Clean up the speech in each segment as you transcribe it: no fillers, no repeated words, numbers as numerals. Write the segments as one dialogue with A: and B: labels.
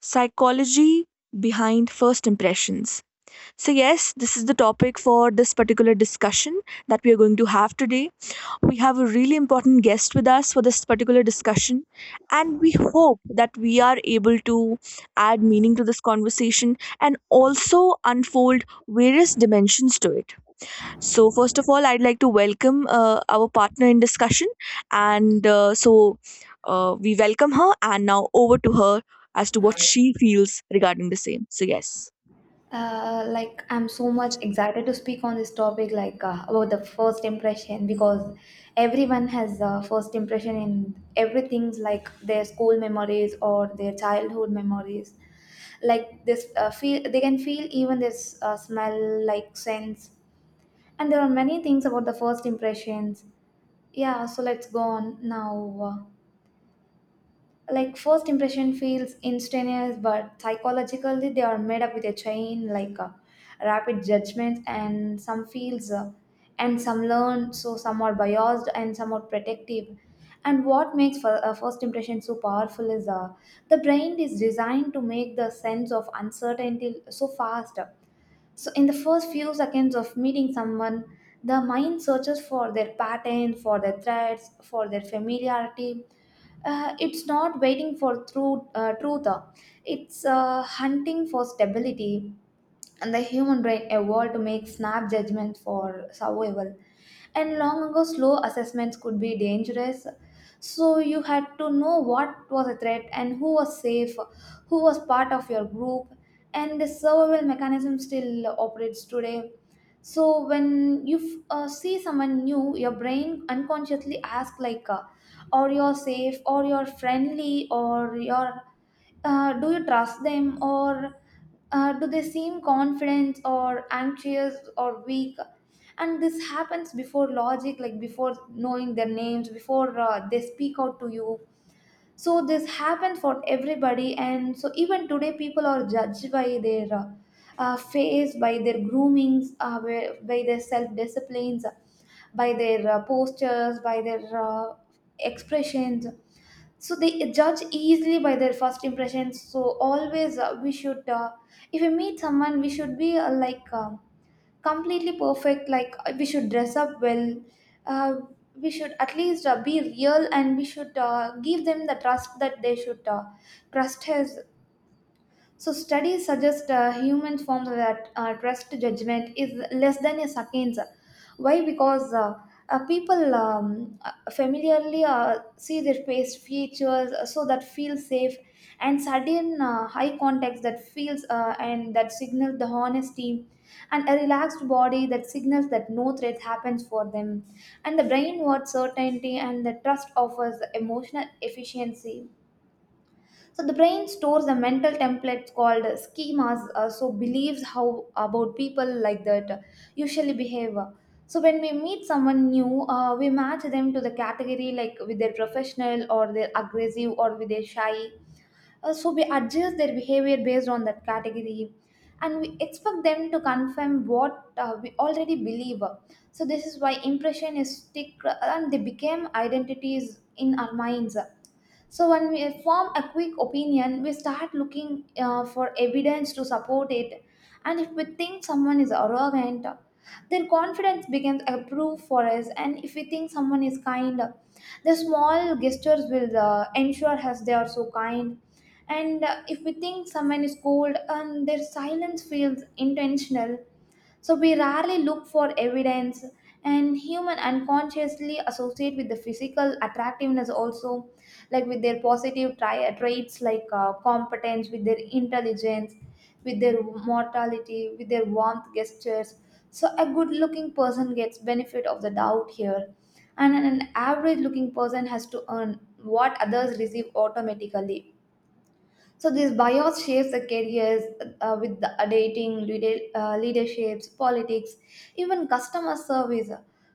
A: Psychology behind first impressions. So, yes, this is the topic for this particular discussion that we are going to have today. We have a really important guest with us for this particular discussion, and we hope that we are able to add meaning to this conversation and also unfold various dimensions to it. So, first of all, I'd like to welcome our partner in discussion. And we welcome her, and now over to her as to what she feels regarding the same. So, yes.
B: Like I'm so much excited to speak on this topic, like about the first impression, because everyone has a first impression in everything's like their school memories or their childhood memories. Like this, feel they can feel even this smell, like sense, and there are many things about the first impressions. Yeah, so let's go on now. Like first impression feels instantaneous, but psychologically they are made up with a chain like rapid judgments and some feels and some learn, so some are biased and some are protective. And what makes for, first impression so powerful is the brain is designed to make the sense of uncertainty so fast. So in the first few seconds of meeting someone, the mind searches for their pattern, for their threats, for their familiarity. It's not waiting for through, truth, it's hunting for stability. And the human brain evolved to make snap judgments for survival. And long ago, slow assessments could be dangerous. So you had to know what was a threat and who was safe, who was part of your group, and the survival mechanism still operates today. So when you see someone new, your brain unconsciously asks, like, "Or you're safe, or you're friendly, or you're do you trust them, or do they seem confident or anxious or weak? And this happens before logic, like before knowing their names, before they speak out to you. So this happens for everybody, and so even today people are judged by their face, by their groomings, by their self disciplines, by their postures, by their expressions. So they judge easily by their first impressions. So always we should if we meet someone we should be like completely perfect, like we should dress up well. uh, we should at least be real, and we should give them the trust that they should trust us. So studies suggest human form that trust judgment is less than a second. Why? Because people familiarly see their face features, so that feels safe, and sudden high context that feels and that signals the honesty, and a relaxed body that signals that no threat happens for them, and the brain wants certainty, and the trust offers emotional efficiency. So the brain stores the mental templates called schemas, so beliefs how about people like that usually behave. So when we meet someone new, we match them to the category like with their professional or their aggressive or with their shy. So we adjust their behavior based on that category, and we expect them to confirm what we already believe. So this is why impression is stick, and they became identities in our minds. So when we form a quick opinion, we start looking for evidence to support it. And if we think someone is arrogant, then confidence becomes a proof for us. And if we think someone is kind, the small gestures will ensure us they are so kind. And if we think someone is cold, and their silence feels intentional. So we rarely look for evidence, and human unconsciously associate with the physical attractiveness also, like with their positive traits like competence, with their intelligence, with their mortality, with their warmth gestures. So a good-looking person gets benefit of the doubt here, and an average-looking person has to earn what others receive automatically. So this bias shapes the careers, with the dating, leaderships, politics, even customer service.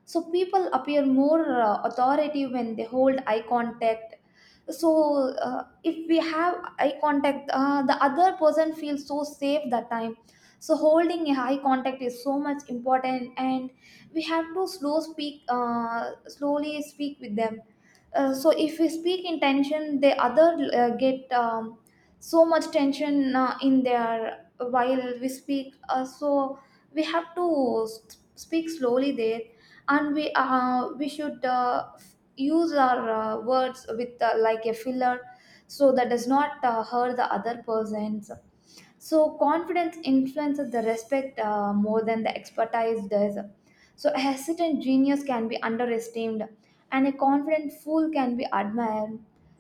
B: So people appear more authoritative when they hold eye contact. So if we have eye contact, the other person feels so safe that time. So holding a eye contact is so much important, and we have to slowly speak with them. So if we speak in tension, the other get so much tension in there while we speak, so we have to speak slowly there. And we should use our words with like a filler, so that does not hurt the other persons. So confidence influences the respect more than the expertise does. So a hesitant genius can be underestimated, and a confident fool can be admired.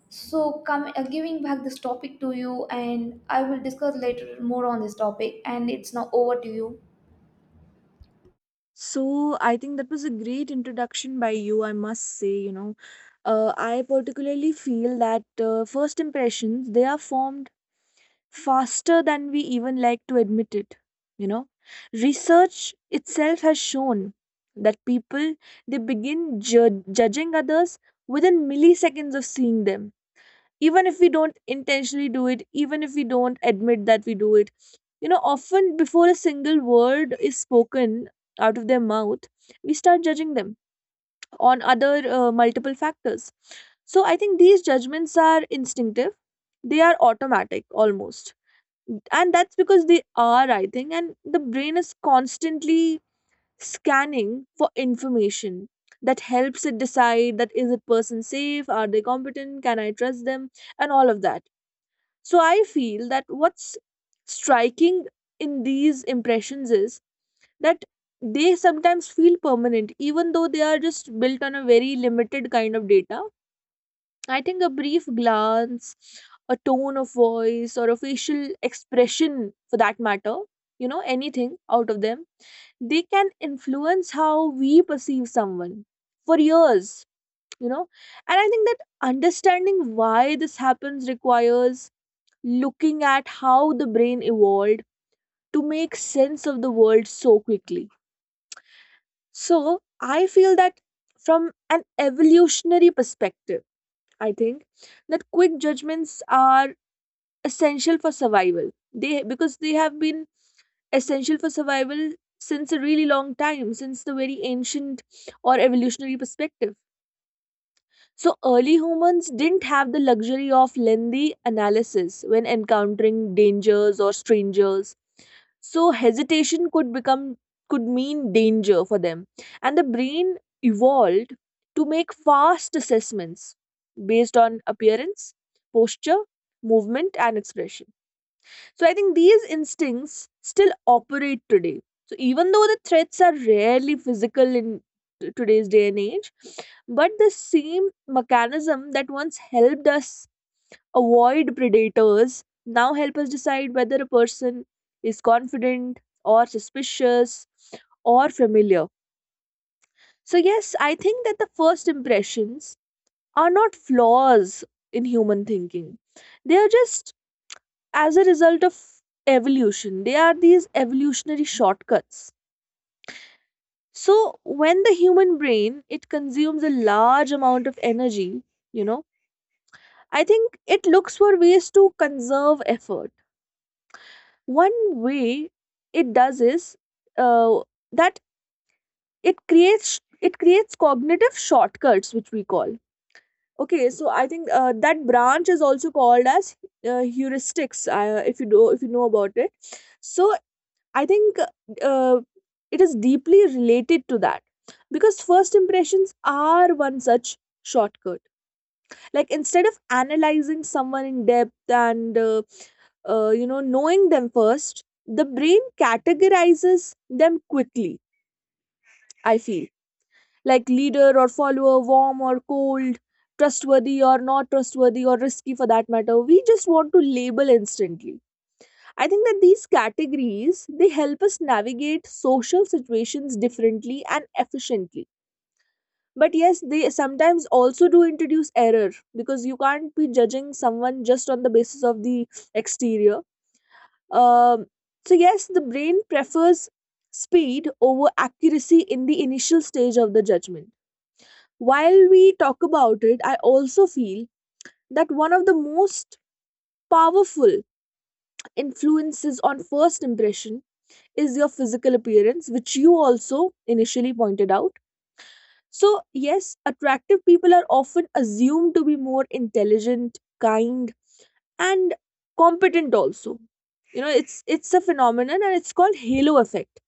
B: So come giving back this topic to you, and I will discuss later more on this topic. And it's now over to you.
A: So I think that was a great introduction by you, I must say, you know. I particularly feel that first impressions, they are formed faster than we even like to admit it, you know. Research itself has shown that people, they begin judging others within milliseconds of seeing them, even if we don't intentionally do it, even if we don't admit that we do it, you know, often before a single word is spoken out of their mouth, we start judging them on other multiple factors. So I think these judgments are instinctive, they are automatic almost, and that's because they are, I think, and the brain is constantly scanning for information that helps it decide, that is a person safe, are they competent, can I trust them, and all of that. So I feel that what's striking in these impressions is that they sometimes feel permanent even though they are just built on a very limited kind of data. I think a brief glance, a tone of voice, or a facial expression for that matter, you know, anything out of them, they can influence how we perceive someone for years, you know. And I think that understanding why this happens requires looking at how the brain evolved to make sense of the world so quickly. So I feel that from an evolutionary perspective, I think that quick judgments are essential for survival, they, because they have been essential for survival since a really long time, since the very ancient or evolutionary perspective. So early humans didn't have the luxury of lengthy analysis when encountering dangers or strangers, so hesitation could become, could mean danger for them, and the brain evolved to make fast assessments based on appearance, posture, movement, and expression. So I think these instincts still operate today. So even though the threats are rarely physical in today's day and age, but the same mechanism that once helped us avoid predators now help us decide whether a person is confident or suspicious or familiar. So yes, I think that the first impressions are not flaws in human thinking. They are just as a result of evolution, they are these evolutionary shortcuts. So when the human brain, it consumes a large amount of energy, you know, I think it looks for ways to conserve effort. One way it does is uh, that it creates cognitive shortcuts which we call, okay, so I think that branch is also called as heuristics, if you do, if you know about it. So I think, uh, it is deeply related to that because first impressions are one such shortcut. Like instead of analyzing someone in depth and you know, knowing them first, the brain categorizes them quickly. I feel like leader or follower, warm or cold, trustworthy or not trustworthy, or risky for that matter. We just want to label instantly. I think that these categories, they help us navigate social situations differently and efficiently. But yes, they sometimes also do introduce error because you can't be judging someone just on the basis of the exterior. Um, so yes, the brain prefers speed over accuracy in the initial stage of the judgment. While we talk about it, I also feel that one of the most powerful influences on first impression is your physical appearance, which you also initially pointed out. So, yes, attractive people are often assumed to be more intelligent, kind, and competent also. You know, it's a phenomenon and it's called halo effect.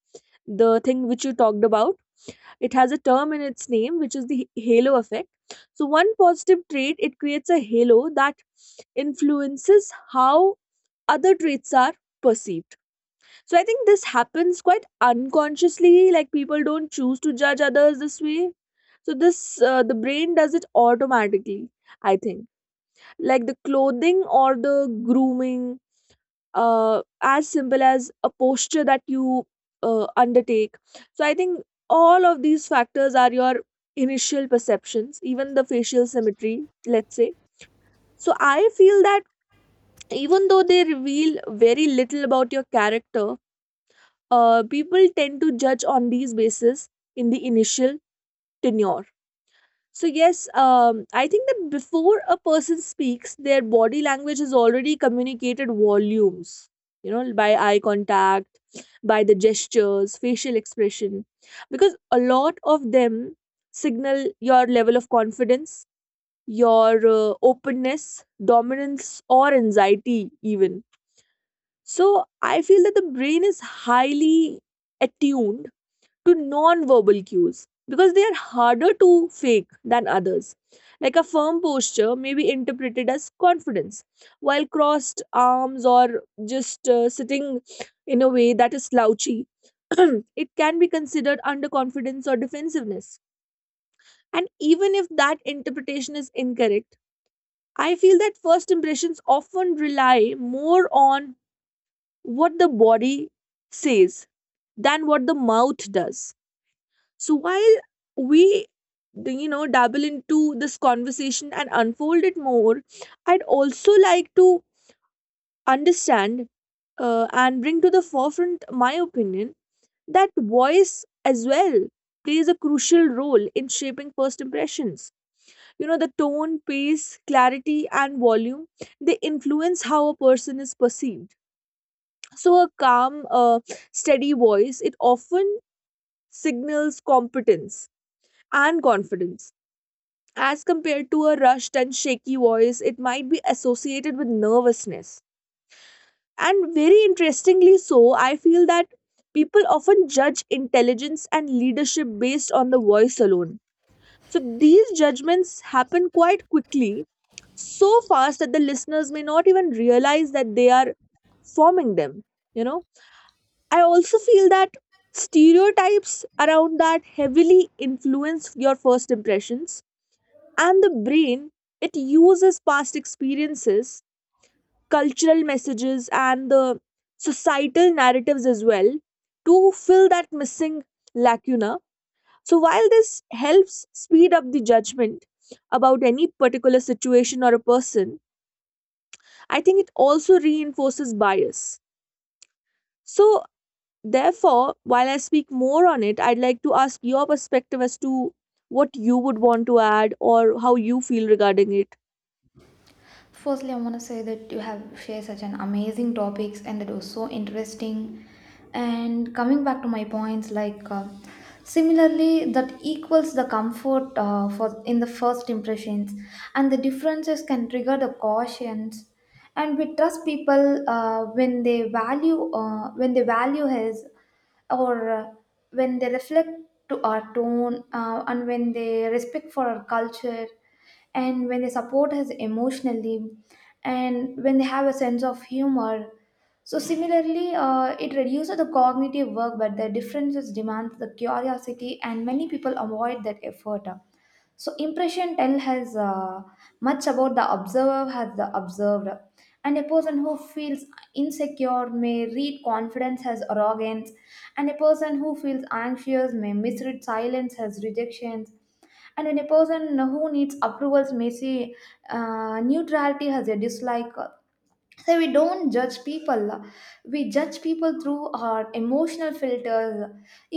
A: The thing which you talked about, it has a term in its name, which is the halo effect. So, one positive trait, it creates a halo that influences how other traits are perceived. So I think this happens quite unconsciously. Like people don't choose to judge others this way. So this the brain does it automatically. I think like the clothing or the grooming, as simple as a posture that you undertake. So I think all of these factors are your initial perceptions, even the facial symmetry. Let's say. So I feel that even though they reveal very little about your character, people tend to judge on these bases in the initial tenure. So, yes, I think that before a person speaks, their body language has already communicated volumes, you know, by eye contact, by the gestures, facial expression, because a lot of them signal your level of confidence, your openness, dominance, or anxiety, even. So, I feel that the brain is highly attuned to non-verbal cues because they are harder to fake than others. Like a firm posture may be interpreted as confidence, while crossed arms or just sitting in a way that is slouchy, it can be considered underconfidence or defensiveness. And even if that interpretation is incorrect, I feel that first impressions often rely more on what the body says than what the mouth does. So while we, you know, dabble into this conversation and unfold it more, I'd also like to understand and bring to the forefront my opinion that voice as well plays a crucial role in shaping first impressions. You know, the tone, pace, clarity, and volume, they influence how a person is perceived. So a calm, steady voice, it often signals competence and confidence. As compared to a rushed and shaky voice, it might be associated with nervousness. And very interestingly, so, I feel that people often judge intelligence and leadership based on the voice alone. So, these judgments happen quite quickly, so fast that the listeners may not even realize that they are forming them. You know, I also feel that stereotypes around that heavily influence your first impressions, and the brain, it uses past experiences, cultural messages, and the societal narratives as well to fill that missing lacuna. So, while this helps speed up the judgment about any particular situation or a person, I think it also reinforces bias. So, therefore, while I speak more on it, I'd like to ask your perspective as to what you would want to add or how you feel regarding it.
B: Firstly, I want to say that you have shared such an amazing topics and that was so interesting. And coming back to my points, like similarly, that equals the comfort, for in the first impressions, and the differences can trigger the cautions. And we trust people when they value his or when they reflect to our tone, and when they respect for our culture, and when they support us emotionally, and when they have a sense of humor. So similarly it reduces the cognitive work, but the differences demand the curiosity, and many people avoid that effort. So impression tell has much about the observer has the observed, and a person who feels insecure may read confidence as arrogance, and a person who feels anxious may misread silence as rejections, and when a person who needs approvals may see neutrality as a dislike. So we don't judge people, we judge people through our emotional filters.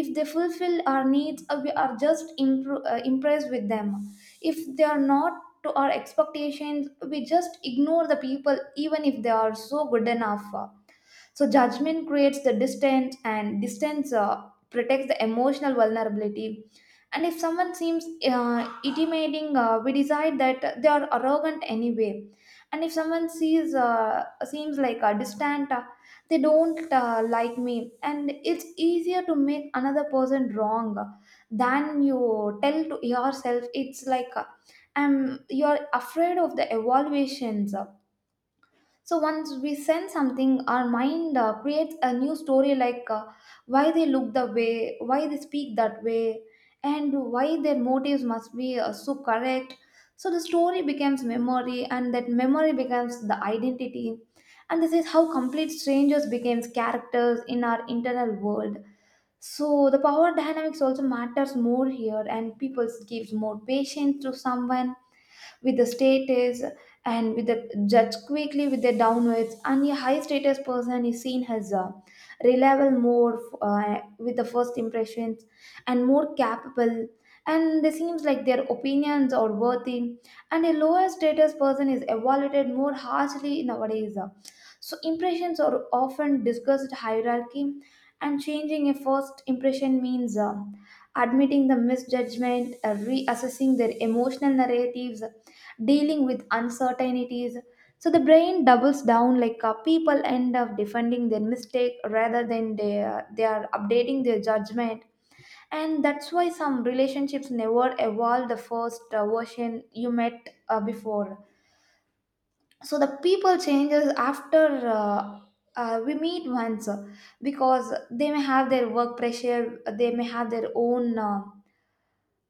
B: If they fulfill our needs, we are just impressed with them. If they are not to our expectations, we just ignore the people even if they are so good enough. So judgment creates the distance, and distance protects the emotional vulnerability. And if someone seems intimidating, we decide that they are arrogant anyway. And if someone sees seems like distant, they don't like me. And it's easier to make another person wrong than you tell to yourself. It's like you're afraid of the evaluations. So once we sense something, our mind creates a new story, like why they look the way, why they speak that way, and why their motives must be so correct. So the story becomes memory, and that memory becomes the identity. And this is how complete strangers becomes characters in our internal world. So the power dynamics also matters more here, and people gives more patience to someone with the status, and with the judge quickly with the downwards, and a high status person is seen as a reliable more with the first impressions, and more capable, and it seems like their opinions are worthy, and a lower status person is evaluated more harshly nowadays. So impressions are often discussed hierarchy, and changing a first impression means admitting the misjudgment, reassessing their emotional narratives, dealing with uncertainties. So the brain doubles down, like people end up defending their mistake rather than they are updating their judgment. And that's why some relationships never evolve the first version you met before. So the people changes after we meet once, because they may have their work pressure, they may have their own. Uh,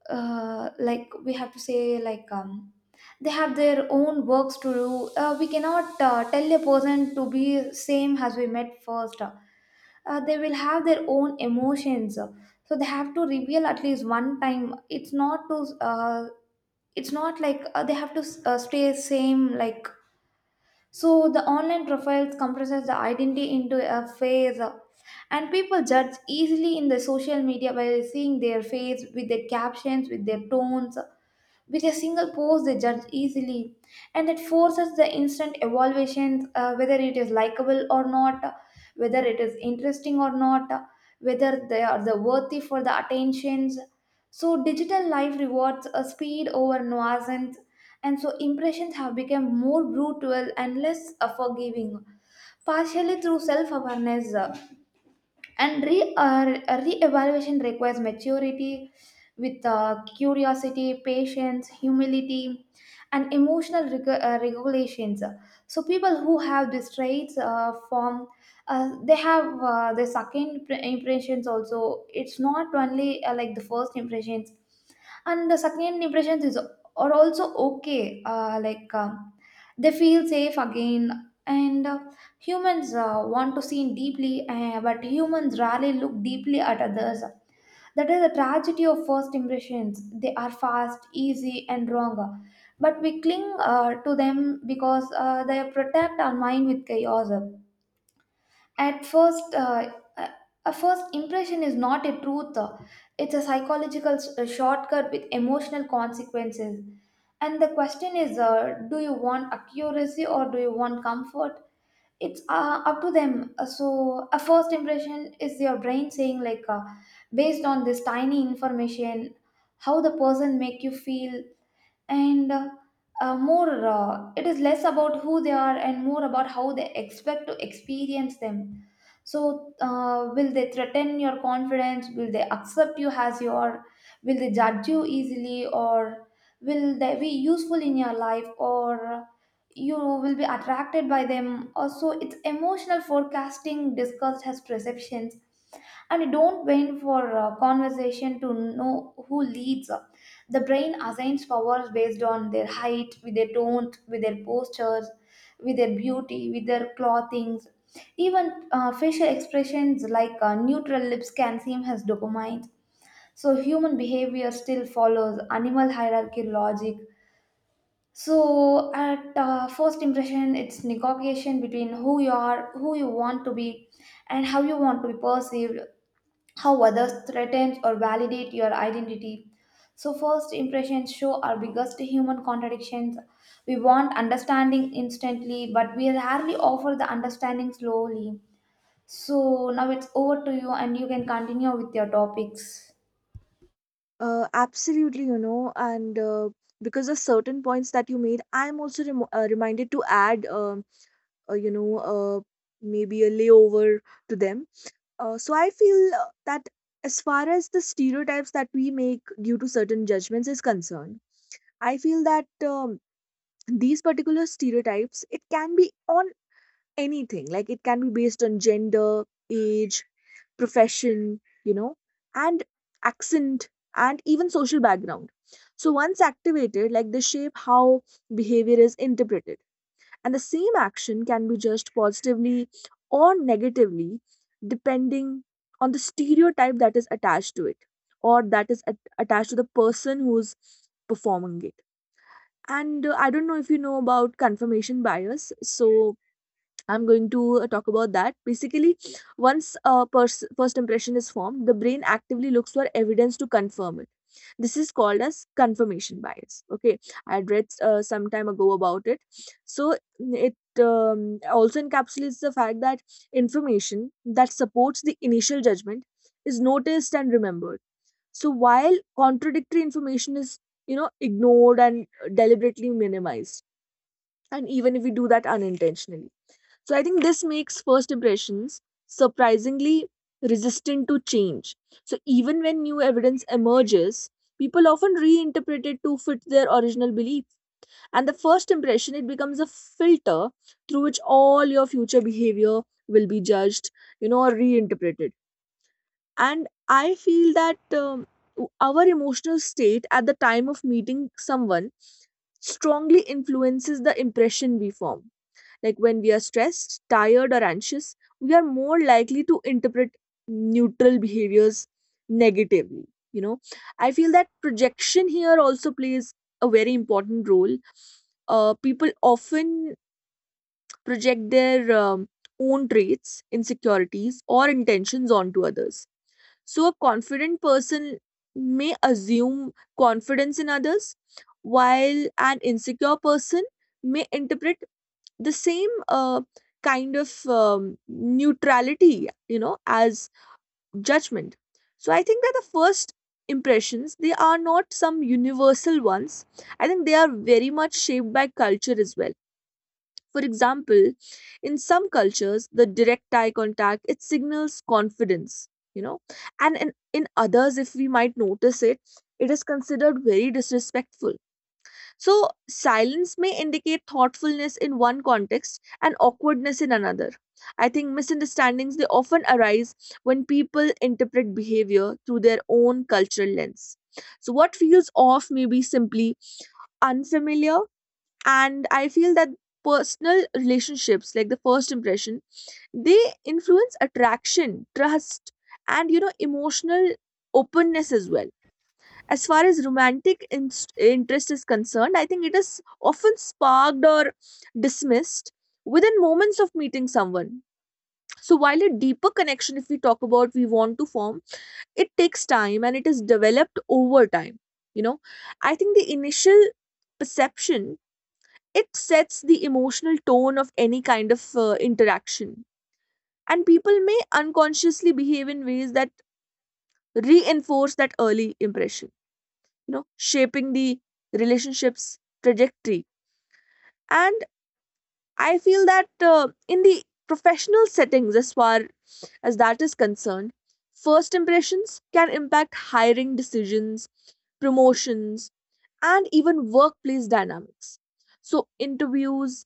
B: uh, Like we have to say, like they have their own works to do. We cannot tell a person to be same as we met first. They will have their own emotions, so they have to reveal at least one time. It's not like they have to stay same, like. So the online profiles compresses the identity into a face, and people judge easily in the social media by seeing their face, with their captions, with their tones. With a single post, they judge easily, and that forces the instant evaluation, whether it is likable or not, whether it is interesting or not, whether they are the worthy for the attentions. So, digital life rewards a speed over nuisance, and so impressions have become more brutal and less forgiving partially through self awareness, and re re-evaluation requires maturity with curiosity, patience, humility, and emotional regulations. So people who have these traits form they have the second impressions also. It's not only like the first impressions, and the second impressions is are also okay, like, they feel safe again, and Humans want to see deeply, but humans rarely look deeply at others. That is the tragedy of first impressions. They are fast, easy, and wrong. But we cling to them because they protect our mind with chaos. At first, a a first impression is not a truth, it's a psychological a shortcut with emotional consequences. And the question is, do you want accuracy or do you want comfort? It's up to them. So a first impression is your brain saying, like, based on this tiny information how the person make you feel, and more it is less about who they are, and more about how they expect to experience them. So will they threaten your confidence, will they accept you as you are, will they judge you easily, or will they be useful in your life, or you will be attracted by them? Also it's emotional forecasting discussed as perceptions. And you don't wait for a conversation to know who leads. The brain assigns powers based on their height, with their tone, with their postures, with their beauty, with their clothings, even facial expressions, like neutral lips can seem as dopamine. So human behavior still follows animal hierarchy logic. So at first impression, it's negotiation between who you are, who you want to be, and how you want to be perceived, how others threaten or validate your identity. So first impressions show our biggest human contradictions. We want understanding instantly, but we rarely offer the understanding slowly. So now it's over to you, and you can continue with your topics.
A: Absolutely, you know, and because of certain points that you made, I'm also remo reminded to add, you know, maybe a layover to them. So I feel that as far as the stereotypes that we make due to certain judgments is concerned, I feel that these particular stereotypes, it can be on anything. Like it can be based on gender, age, profession, you know, and accent and even social background. So once activated, like they shape how behavior is interpreted. And the same action can be judged positively or negatively depending on the stereotype that is attached to it or that is attached to the person who's performing it. And I don't know if you know about confirmation bias. So I'm going to talk about that. Basically, once a first impression is formed, the brain actively looks for evidence to confirm it. This is called as confirmation bias. Okay, I had read some time ago about it. So it also encapsulates the fact that information that supports the initial judgment is noticed and remembered. So while contradictory information is, you know, ignored and deliberately minimized, and even if we do that unintentionally, so I think this makes first impressions surprisingly resistant to change. So even when new evidence emerges, people often reinterpret it to fit their original belief. And the first impression, it becomes a filter through which all your future behavior will be judged, you know, or reinterpreted. And I feel that our emotional state at the time of meeting someone strongly influences the impression we form, like when we are stressed, tired, or anxious, we are more likely to interpret neutral behaviors negatively. You know, I feel that projection here also plays a very important role. People often project their own traits, insecurities, or intentions onto others. So, a confident person may assume confidence in others, while an insecure person may interpret the same kind of neutrality as judgment. So I think that the first impressions, they are not some universal ones. I think they are very much shaped by culture as well. For example, in some cultures the direct eye contact, it signals confidence, you know and in others, if we might notice it, it is considered very disrespectful. So, silence may indicate thoughtfulness in one context and awkwardness in another. I think misunderstandings, they often arise when people interpret behavior through their own cultural lens. So, what feels off may be simply unfamiliar, and I feel that personal relationships, like the first impression, they influence attraction, trust, and emotional openness as well. As far as romantic interest is concerned, I think it is often sparked or dismissed within moments of meeting someone. So, while a deeper connection, if we talk about we want to form, it takes time and it is developed over time. You know, I think the initial perception, it sets the emotional tone of any kind of interaction, and people may unconsciously behave in ways that reinforce that early impression, shaping the relationship's trajectory. And I feel that in the professional settings, as far as that is concerned, first impressions can impact hiring decisions, promotions, and even workplace dynamics. So interviews,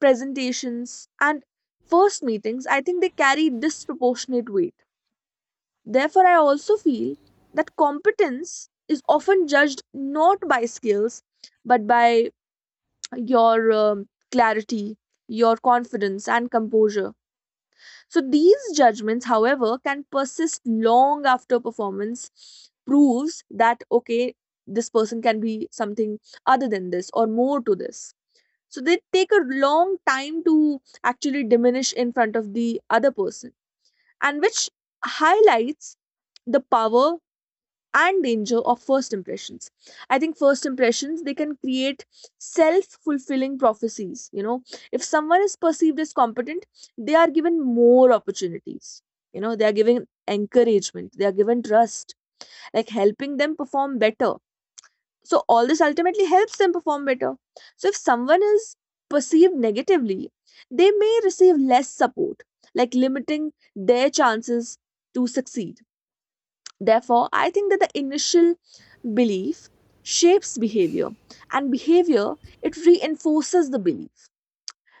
A: presentations, and first meetings, I think they carry disproportionate weight. Therefore, I also feel that competence is often judged not by skills but by your clarity, your confidence, and composure. So, these judgments, however, can persist long after performance proves that, okay, this person can be something other than this or more to this. So, they take a long time to actually diminish in front of the other person, and which highlights the power and danger of first impressions. I think first impressions, they can create self fulfilling prophecies. If someone is perceived as competent, they are given more opportunities. You know, they are given encouragement, they are given trust, like helping them perform better. So all this ultimately helps them perform better. So if someone is perceived negatively, they may receive less support, like limiting their chances to succeed. Therefore, I think that the initial belief shapes behavior, and behavior, it reinforces the belief.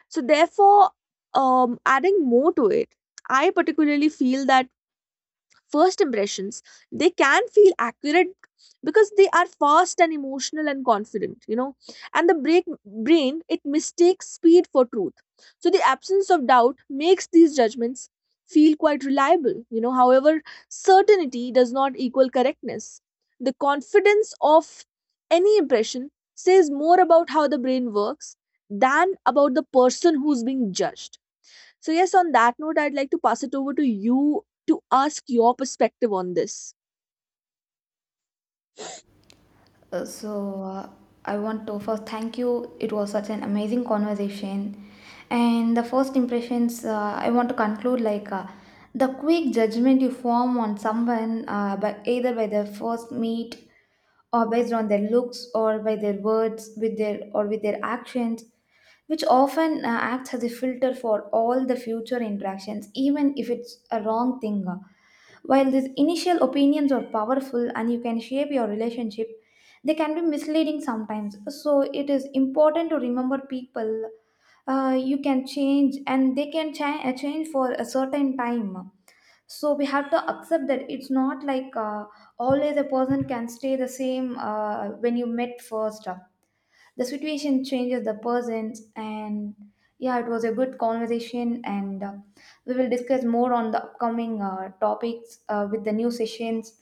A: So, therefore, adding more to it, I particularly feel that first impressions, they can feel accurate because they are fast and emotional and confident. And brain, it mistakes speed for truth. So the absence of doubt makes these judgments feel quite reliable. However, certainty does not equal correctness. The confidence of any impression says more about how the brain works than about the person who's being judged. So, yes, on that note, I'd like to pass it over to you to ask your perspective on this.
B: So I want to first thank you. It was such an amazing conversation. And the first impressions, I want to conclude, like the quick judgment you form on someone, by either by their first meet or based on their looks or by their words with their actions, which often acts as a filter for all the future interactions, even if it's a wrong thing. While these initial opinions are powerful and you can shape your relationship, they can be misleading sometimes. So it is important to remember people, you can change and they can change for a certain time. So we have to accept that it's not like always a person can stay the same when you met first. The situation changes the persons. And yeah, it was a good conversation, and we will discuss more on the upcoming topics with the new sessions.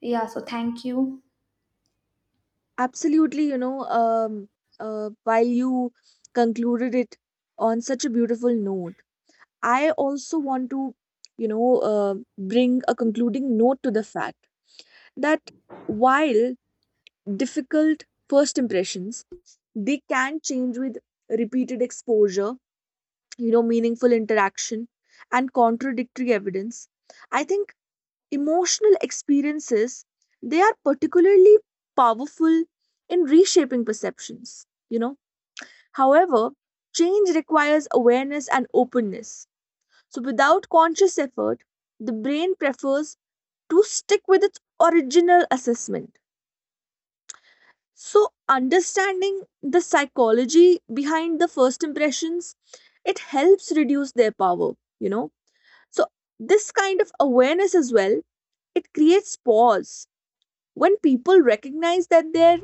B: Yeah, so thank you.
A: Absolutely, you know, while you concluded it on such a beautiful note, I also want to, bring a concluding note to the fact that while difficult first impressions, they can change with repeated exposure, you know, meaningful interaction and contradictory evidence. I think emotional experiences, they are particularly powerful in reshaping perceptions. you know However, change requires awareness and openness. So without conscious effort, the brain prefers to stick with its original assessment. So understanding the psychology behind the first impressions, it helps reduce their power. you know so this kind of awareness as well, it creates pause. When people recognize that their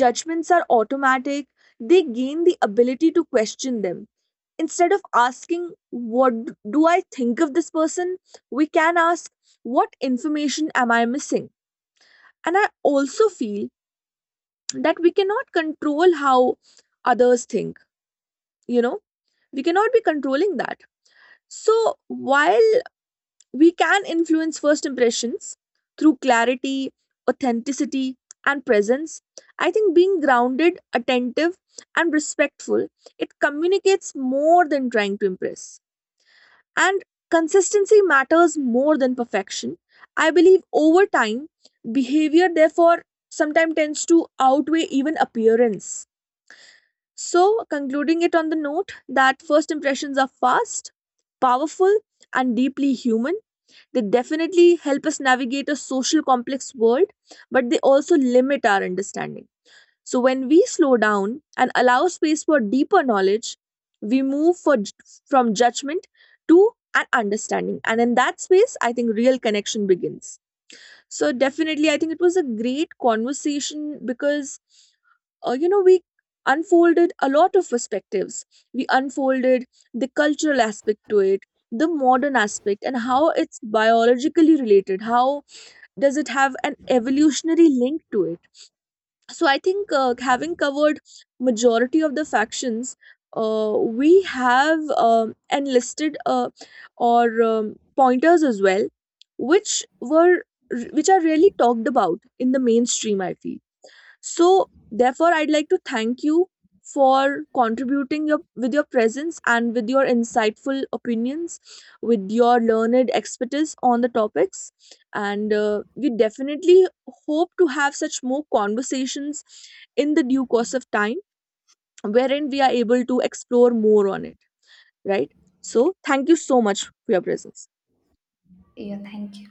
A: judgments are automatic, they gain the ability to question them. Instead of asking, what do I think of this person? We can ask, what information am I missing? And I also feel that we cannot control how others think, you know, we cannot be controlling that. So while we can influence first impressions through clarity, authenticity, and presence. I think being grounded, attentive, and respectful, it communicates more than trying to impress. And consistency matters more than perfection. I believe over time, behavior therefore sometimes tends to outweigh even appearance. So, concluding it on the note that first impressions are fast, powerful, and deeply human, they definitely help us navigate a social complex world, but they also limit our understanding. So when we slow down and allow space for deeper knowledge, we move from judgment to an understanding. And in that space, I think real connection begins. So definitely, I think it was a great conversation because you know, we unfolded a lot of perspectives. We unfolded the cultural aspect to it, the modern aspect, and how it's biologically related. How does it have an evolutionary link to it? So I think having covered majority of the factions, we have enlisted or pointers as well, which were which are rarely talked about in the mainstream, I feel. So, therefore, I'd like to thank you for contributing with your presence and with your insightful opinions, with your learned expertise on the topics. And we definitely hope to have such more conversations in the due course of time, wherein we are able to explore more on it, right? So, thank you so much for your presence.
B: Yeah, thank you.